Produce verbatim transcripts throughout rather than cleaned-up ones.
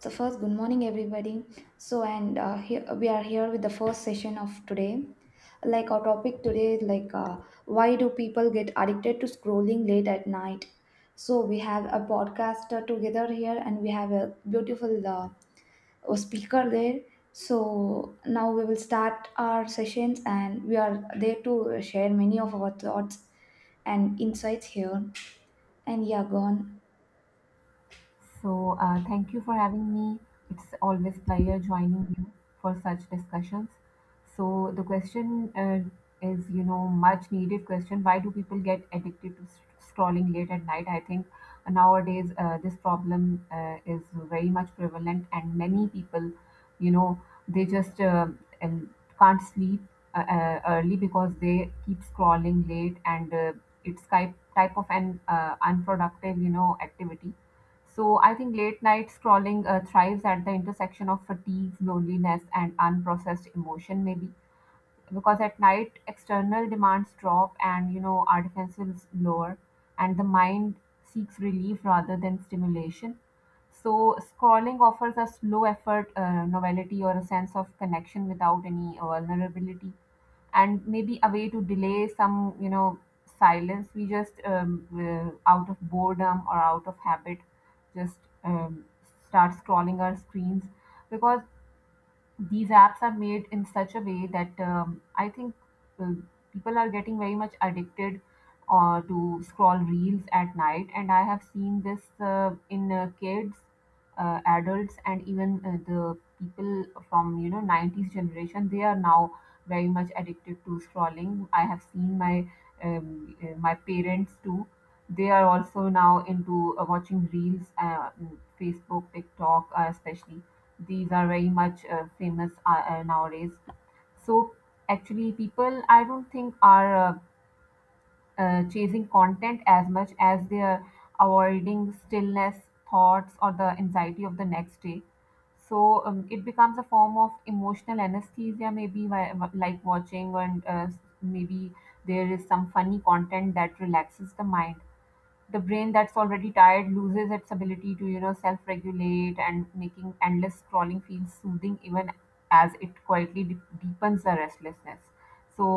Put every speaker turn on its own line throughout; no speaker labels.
So first, good morning, everybody. So and uh, here, we are here with the first session of today. Like our topic today is like uh, why do people get addicted to scrolling late at night? So we have a podcaster together here, and we have a beautiful uh, uh, speaker there. So now we will start our sessions, and we are there to share many of our thoughts and insights here. And yeah, go on.
So, uh, thank you for having me. It's always pleasure joining you for such discussions. So, the question uh, is, you know, much needed question. Why do people get addicted to s- scrolling late at night? I think nowadays uh, this problem uh, is very much prevalent, and many people, you know, they just uh, and can't sleep uh, uh, early because they keep scrolling late, and uh, it's type type of an uh, unproductive, you know, activity. So I think late night scrolling uh, thrives at the intersection of fatigue, loneliness, and unprocessed emotion, maybe because at night external demands drop, and you know our defenses lower and the mind seeks relief rather than stimulation. So scrolling offers a slow effort uh, novelty, or a sense of connection without any uh, vulnerability, and maybe a way to delay some you know silence. We just um, uh, out of boredom or out of habit just um, start scrolling our screens, because these apps are made in such a way that um, I think uh, people are getting very much addicted uh, to scroll reels at night. And I have seen this uh, in uh, kids, uh, adults, and even uh, the people from you know nineties generation. They are now very much addicted to scrolling. I have seen my um, uh, my parents too. They are also now into uh, watching reels, uh, Facebook, TikTok, uh, especially these are very much uh, famous uh, uh, nowadays. So actually, people I don't think are uh, uh, chasing content as much as they are avoiding stillness, thoughts, or the anxiety of the next day. So um, it becomes a form of emotional anesthesia, maybe, whi- wh- like watching, and uh, maybe there is some funny content that relaxes the mind. The brain that's already tired loses its ability to you know self-regulate, and making endless scrolling feel soothing even as it quietly de- deepens the restlessness. So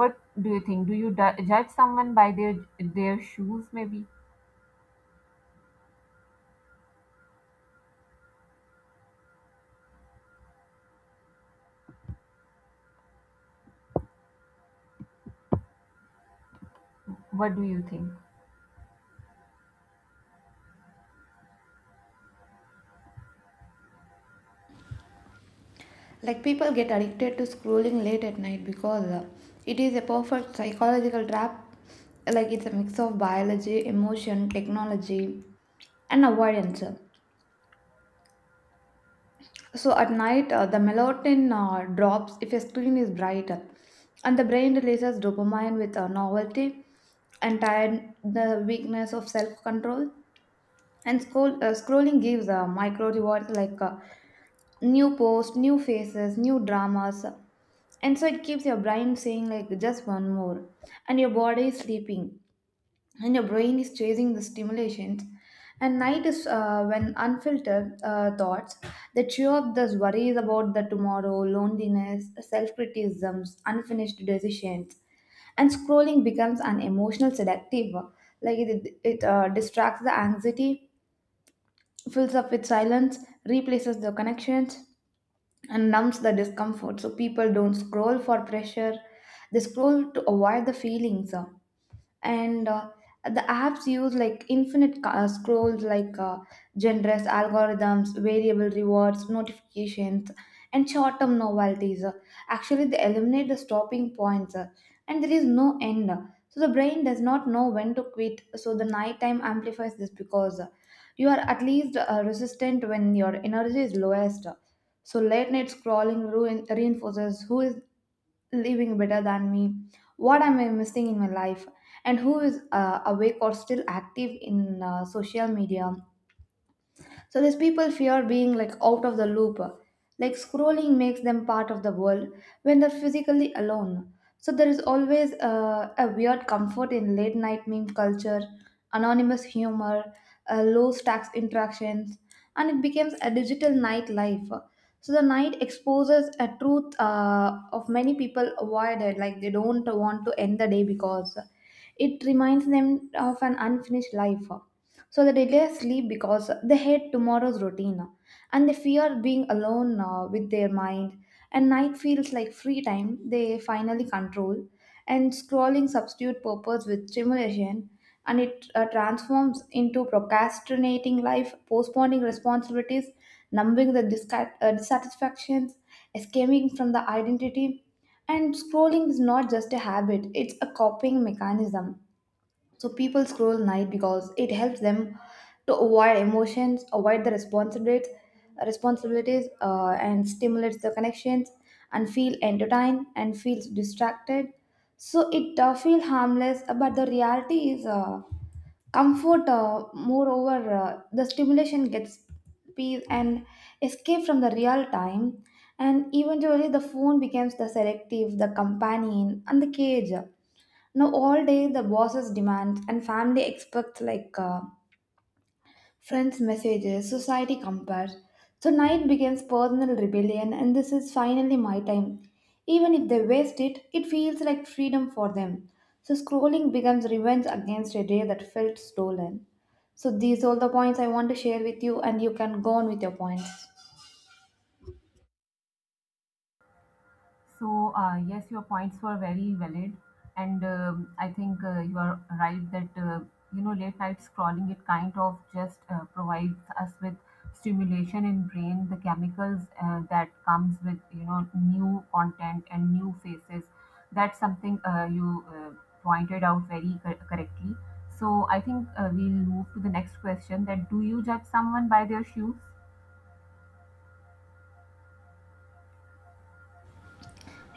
what do you think, do you du- judge someone by their their shoes, maybe? What do you think?
Like people get addicted to scrolling late at night because uh, it is a perfect psychological trap. Like it's a mix of biology, emotion, technology, and avoidance. So at night, uh, the melatonin uh, drops if a screen is bright, and the brain releases dopamine with a novelty, and tired the weakness of self-control. And scroll, uh, scrolling gives uh, micro rewards like uh, new posts, new faces, new dramas. And so it keeps your brain saying, like, just one more. And your body is sleeping. And your brain is chasing the stimulations. And night is uh, when unfiltered uh, thoughts that chew up those worries about the tomorrow, loneliness, self criticisms, unfinished decisions. And scrolling becomes an emotional sedative. Like it, it uh, distracts the anxiety, fills up with silence, replaces the connections, and numbs the discomfort. So people don't scroll for pressure, they scroll to avoid the feelings, uh, and uh, the apps use like infinite ca- uh, scrolls, like uh, generous algorithms, variable rewards, notifications, and short-term novelties. Uh, actually they eliminate the stopping points, uh, and there is no end. So the brain does not know when to quit. So the nighttime amplifies this because uh, you are at least uh, resistant when your energy is lowest. So late night scrolling ruin, reinforces who is living better than me, what am I missing in my life, and who is uh, awake or still active in uh, social media. So these people fear being like out of the loop. Like scrolling makes them part of the world when they're physically alone. So there is always uh, a weird comfort in late night meme culture, anonymous humor, uh, low stakes interactions, and it becomes a digital nightlife. So the night exposes a truth uh, of many people avoided, like they don't want to end the day because it reminds them of an unfinished life. So they delay sleep because they hate tomorrow's routine, and they fear being alone uh, with their mind. And night feels like free time they finally control. And scrolling substitute purpose with stimulation, and it uh, transforms into procrastinating life, postponing responsibilities, numbing the disca- uh, dissatisfactions, escaping from the identity. And scrolling is not just a habit, it's a coping mechanism. So people scroll night because it helps them to avoid emotions, avoid the responsibilities, responsibilities, uh, and stimulates the connections, and feel entertained and feels distracted. So it uh, feel harmless, uh, but the reality is uh, comfort. Uh, moreover, uh, the stimulation gets peace and escape from the real time, and eventually the phone becomes the selective, the companion, and the cage. Now, all day the bosses demand and family expects, like uh, friends' messages, society compares. So, night begins personal rebellion, and this is finally my time. Even if they waste it, it feels like freedom for them. So, scrolling becomes revenge against a day that felt stolen. So, these all the points I want to share with you, and you can go on with your points.
So, uh, yes, your points were very valid, and um, I think uh, you are right that uh, you know late night scrolling, it kind of just uh, provides us with stimulation in brain, the chemicals uh, that comes with you know new content and new faces. That's something uh, you uh, pointed out very cor- correctly. So I think uh, we'll move to the next question. That do you judge someone by their shoes?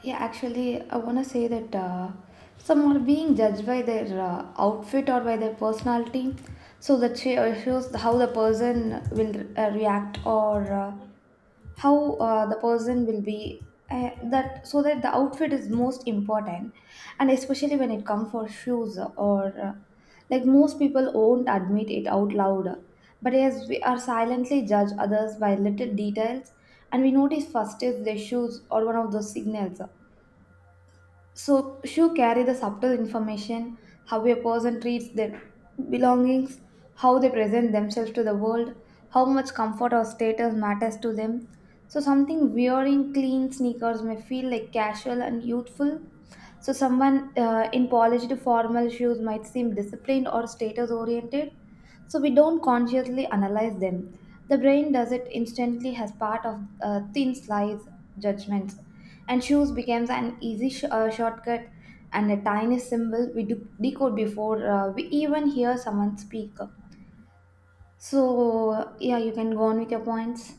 Yeah, actually, I want to say that uh, some are being judged by their uh, outfit or by their personality. So that sh- uh, shows how the person will uh, react or uh, how uh, the person will be. Uh, that so that the outfit is most important, and especially when it comes for shoes or uh, like most people won't admit it out loud, but yes, we are silently judge others by little details, and we notice first is their shoes or one of those signals. So shoe carry the subtle information, how a person treats their belongings, how they present themselves to the world, how much comfort or status matters to them. So something wearing clean sneakers may feel like casual and youthful. So someone uh, in polished formal shoes might seem disciplined or status oriented. So we don't consciously analyze them. The brain does it instantly as part of uh, thin slice judgments, and shoes becomes an easy sh- uh, shortcut and a tiny symbol we do- decode before uh, we even hear someone speak. So, yeah, you can go on with your points.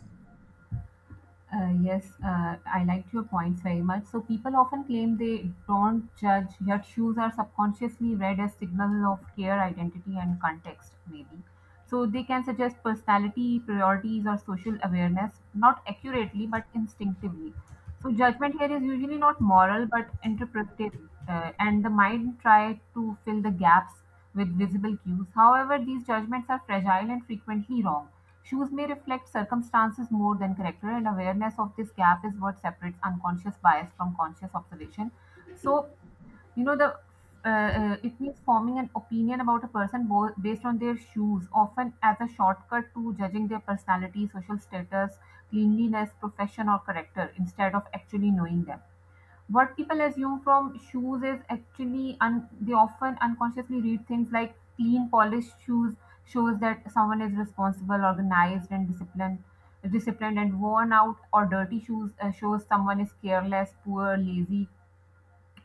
Uh, yes, uh, I liked your points very much. So people often claim they don't judge, yet shoes are subconsciously read as signal of care, identity, and context, maybe. So they can suggest personality, priorities, or social awareness, not accurately but instinctively. So judgment here is usually not moral but interpretive, uh, and the mind try to fill the gaps with visible cues. However, these judgments are fragile and frequently wrong. Shoes may reflect circumstances more than character, and awareness of this gap is what separates unconscious bias from conscious observation. So, you know, the uh, uh, it means forming an opinion about a person bo- based on their shoes, often as a shortcut to judging their personality, social status, cleanliness, profession, or character, instead of actually knowing them. What people assume from shoes is actually un- they often unconsciously read things like clean, polished shoes shows that someone is responsible, organized, and disciplined. Disciplined and worn out or dirty shoes uh, shows someone is careless, poor, lazy,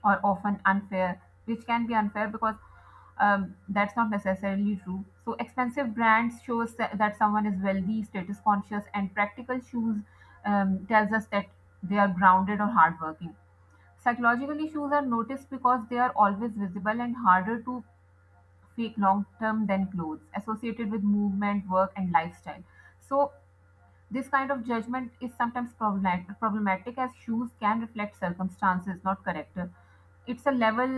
or often unfair, which can be unfair because um, that's not necessarily true. So expensive brands shows tha- that someone is wealthy, status conscious, and practical shoes um, tells us that they are grounded or hardworking. Psychological issues are noticed because they are always visible and harder to fake long term than clothes associated with movement, work, and lifestyle. So, this kind of judgment is sometimes problemat- problematic as shoes can reflect circumstances, not character. It's a level,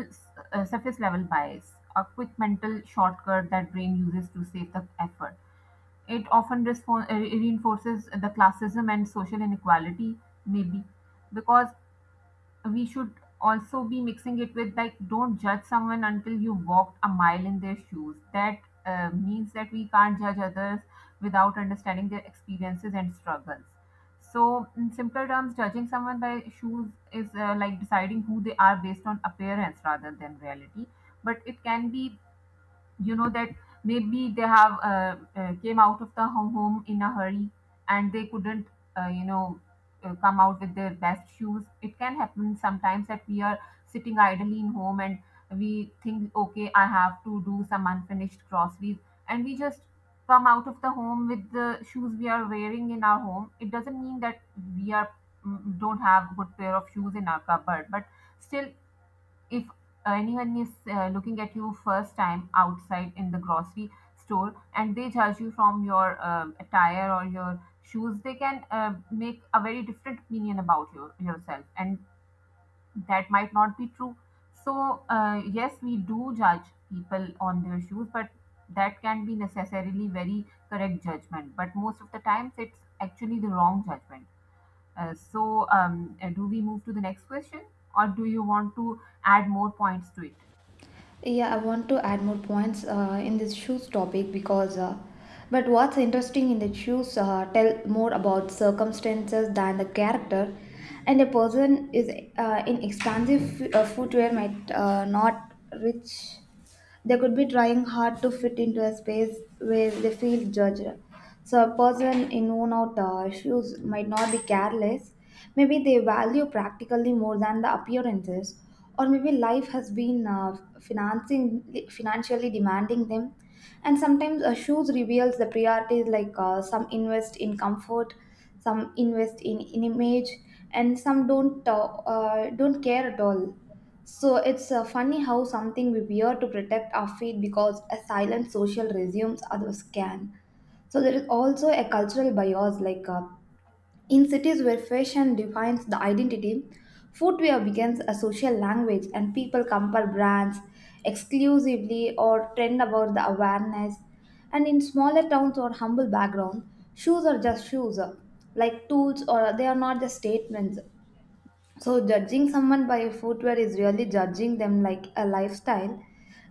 uh, surface level bias, a quick mental shortcut that brain uses to save the effort. It often respo- uh, reinforces the classism and social inequality, maybe, because we should also be mixing it with like don't judge someone until you walked a mile in their shoes. That uh, means that we can't judge others without understanding their experiences and struggles. So in simpler terms, judging someone by shoes is uh, like deciding who they are based on appearance rather than reality. But it can be you know that maybe they have uh, uh, came out of the ho- home in a hurry, and they couldn't uh, you know uh, come out with their best shoes. It can happen sometimes that we are sitting idly in home and we think okay I have to do some unfinished groceries, and we just come out of the home with the shoes we are wearing in our home. It doesn't mean that we are mm, don't have good pair of shoes in our cupboard, but still, if anyone is uh, looking at you first time outside in the grocery store and they judge you from your um attire or your shoes, they can uh, make a very different opinion about your, yourself, and that might not be true. So uh, yes we do judge people on their shoes, but that can be necessarily very correct judgment. But most of the times it's actually the wrong judgment. Uh, so um, uh, do we move to the next question, or do you want to add more points to it?
Yeah, I want to add more points uh, in this shoes topic because, uh, but what's interesting in the shoes uh, tell more about circumstances than the character, and a person is uh, in expensive f- uh, footwear might uh, not reach. They could be trying hard to fit into a space where they feel judged. So, a person in worn out uh, shoes might not be careless. Maybe they value practically more than the appearances, or maybe life has been uh, financing, financially demanding them. And sometimes uh, shoes reveals the priorities, like uh, some invest in comfort, some invest in, in image, and some don't uh, uh, don't care at all. So it's uh, funny how something we wear to protect our feet because a silent social resumes others can. So there is also a cultural bias like uh, in cities where fashion defines the identity, footwear becomes a social language and people compare brands exclusively or trend about the awareness. And in smaller towns or humble background, shoes are just shoes, uh, like tools or they are not just statements. So, judging someone by footwear is really judging them like a lifestyle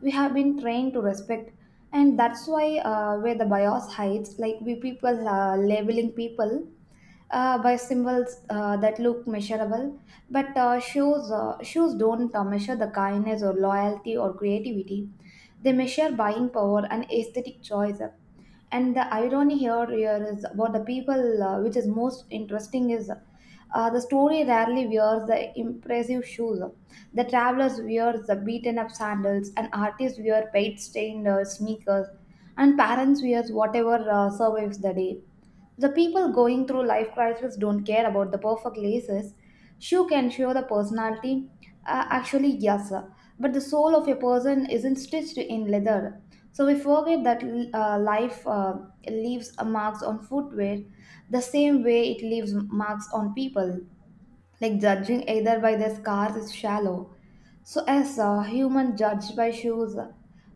we have been trained to respect, and that's why uh, where the bias hides, like we people uh, labeling people uh, by symbols uh, that look measurable, but uh, shoes uh, shoes don't uh, measure the kindness or loyalty or creativity. They measure buying power and aesthetic choice. And the irony here, here is about the people, uh, which is most interesting, is uh, the story rarely wears the impressive shoes. The travelers wear the beaten up sandals, and artists wear paint stained uh, sneakers, and parents wear whatever uh, survives the day. The people going through life crisis don't care about the perfect laces. Shoe can show the personality. Uh, actually, yes, sir. But the soul of a person isn't stitched in leather. So we forget that uh, life uh, leaves marks on footwear the same way it leaves marks on people. Like judging either by their scars is shallow. So, as a human judged by shoes,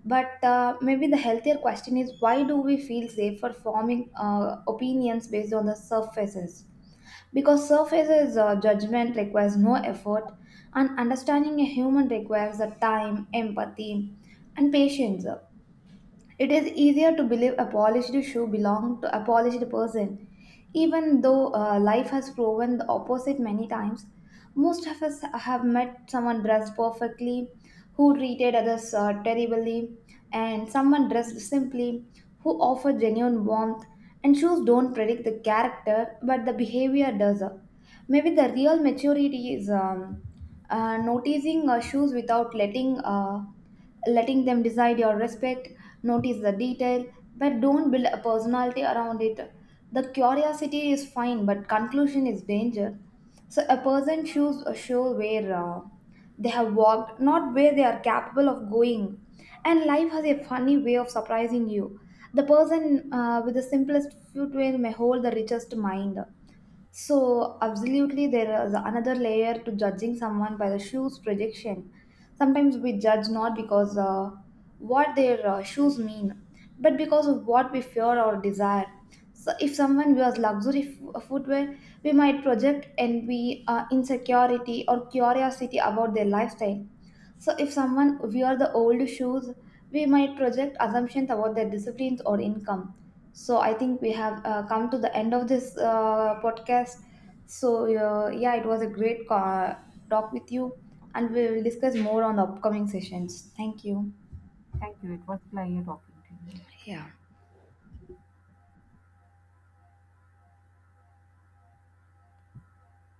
but uh, maybe the healthier question is why do we feel safe for forming uh, opinions based on the surfaces? Because surfaces uh, judgment requires no effort, and understanding a human requires the time, empathy, and patience. It is easier to believe a polished shoe belonged to a polished person, even though uh, life has proven the opposite many times. Most of us have met someone dressed perfectly, who treated others uh, terribly, and someone dressed simply, who offered genuine warmth. And shoes don't predict the character, but the behavior does. Maybe the real maturity is um, uh, noticing uh, shoes without letting uh, letting them decide your respect, notice the detail, but don't build a personality around it. The curiosity is fine, but conclusion is danger. So a person shows a show where uh, they have walked, not where they are capable of going. And life has a funny way of surprising you. The person uh, with the simplest footwear may hold the richest mind. So, absolutely, there is another layer to judging someone by the shoes projection. Sometimes we judge not because uh, what their uh, shoes mean, but because of what we fear or desire. So, if someone wears luxury f- uh, footwear, we might project envy, uh, insecurity, or curiosity about their lifestyle. So, if someone wears the old shoes, we might project assumptions about their disciplines or income. So I think we have uh, come to the end of this uh, podcast. So uh, yeah, it was a great co- talk with you, and we will discuss more on the upcoming sessions. Thank you.
Thank you. It was a pleasure talking to you.
Yeah.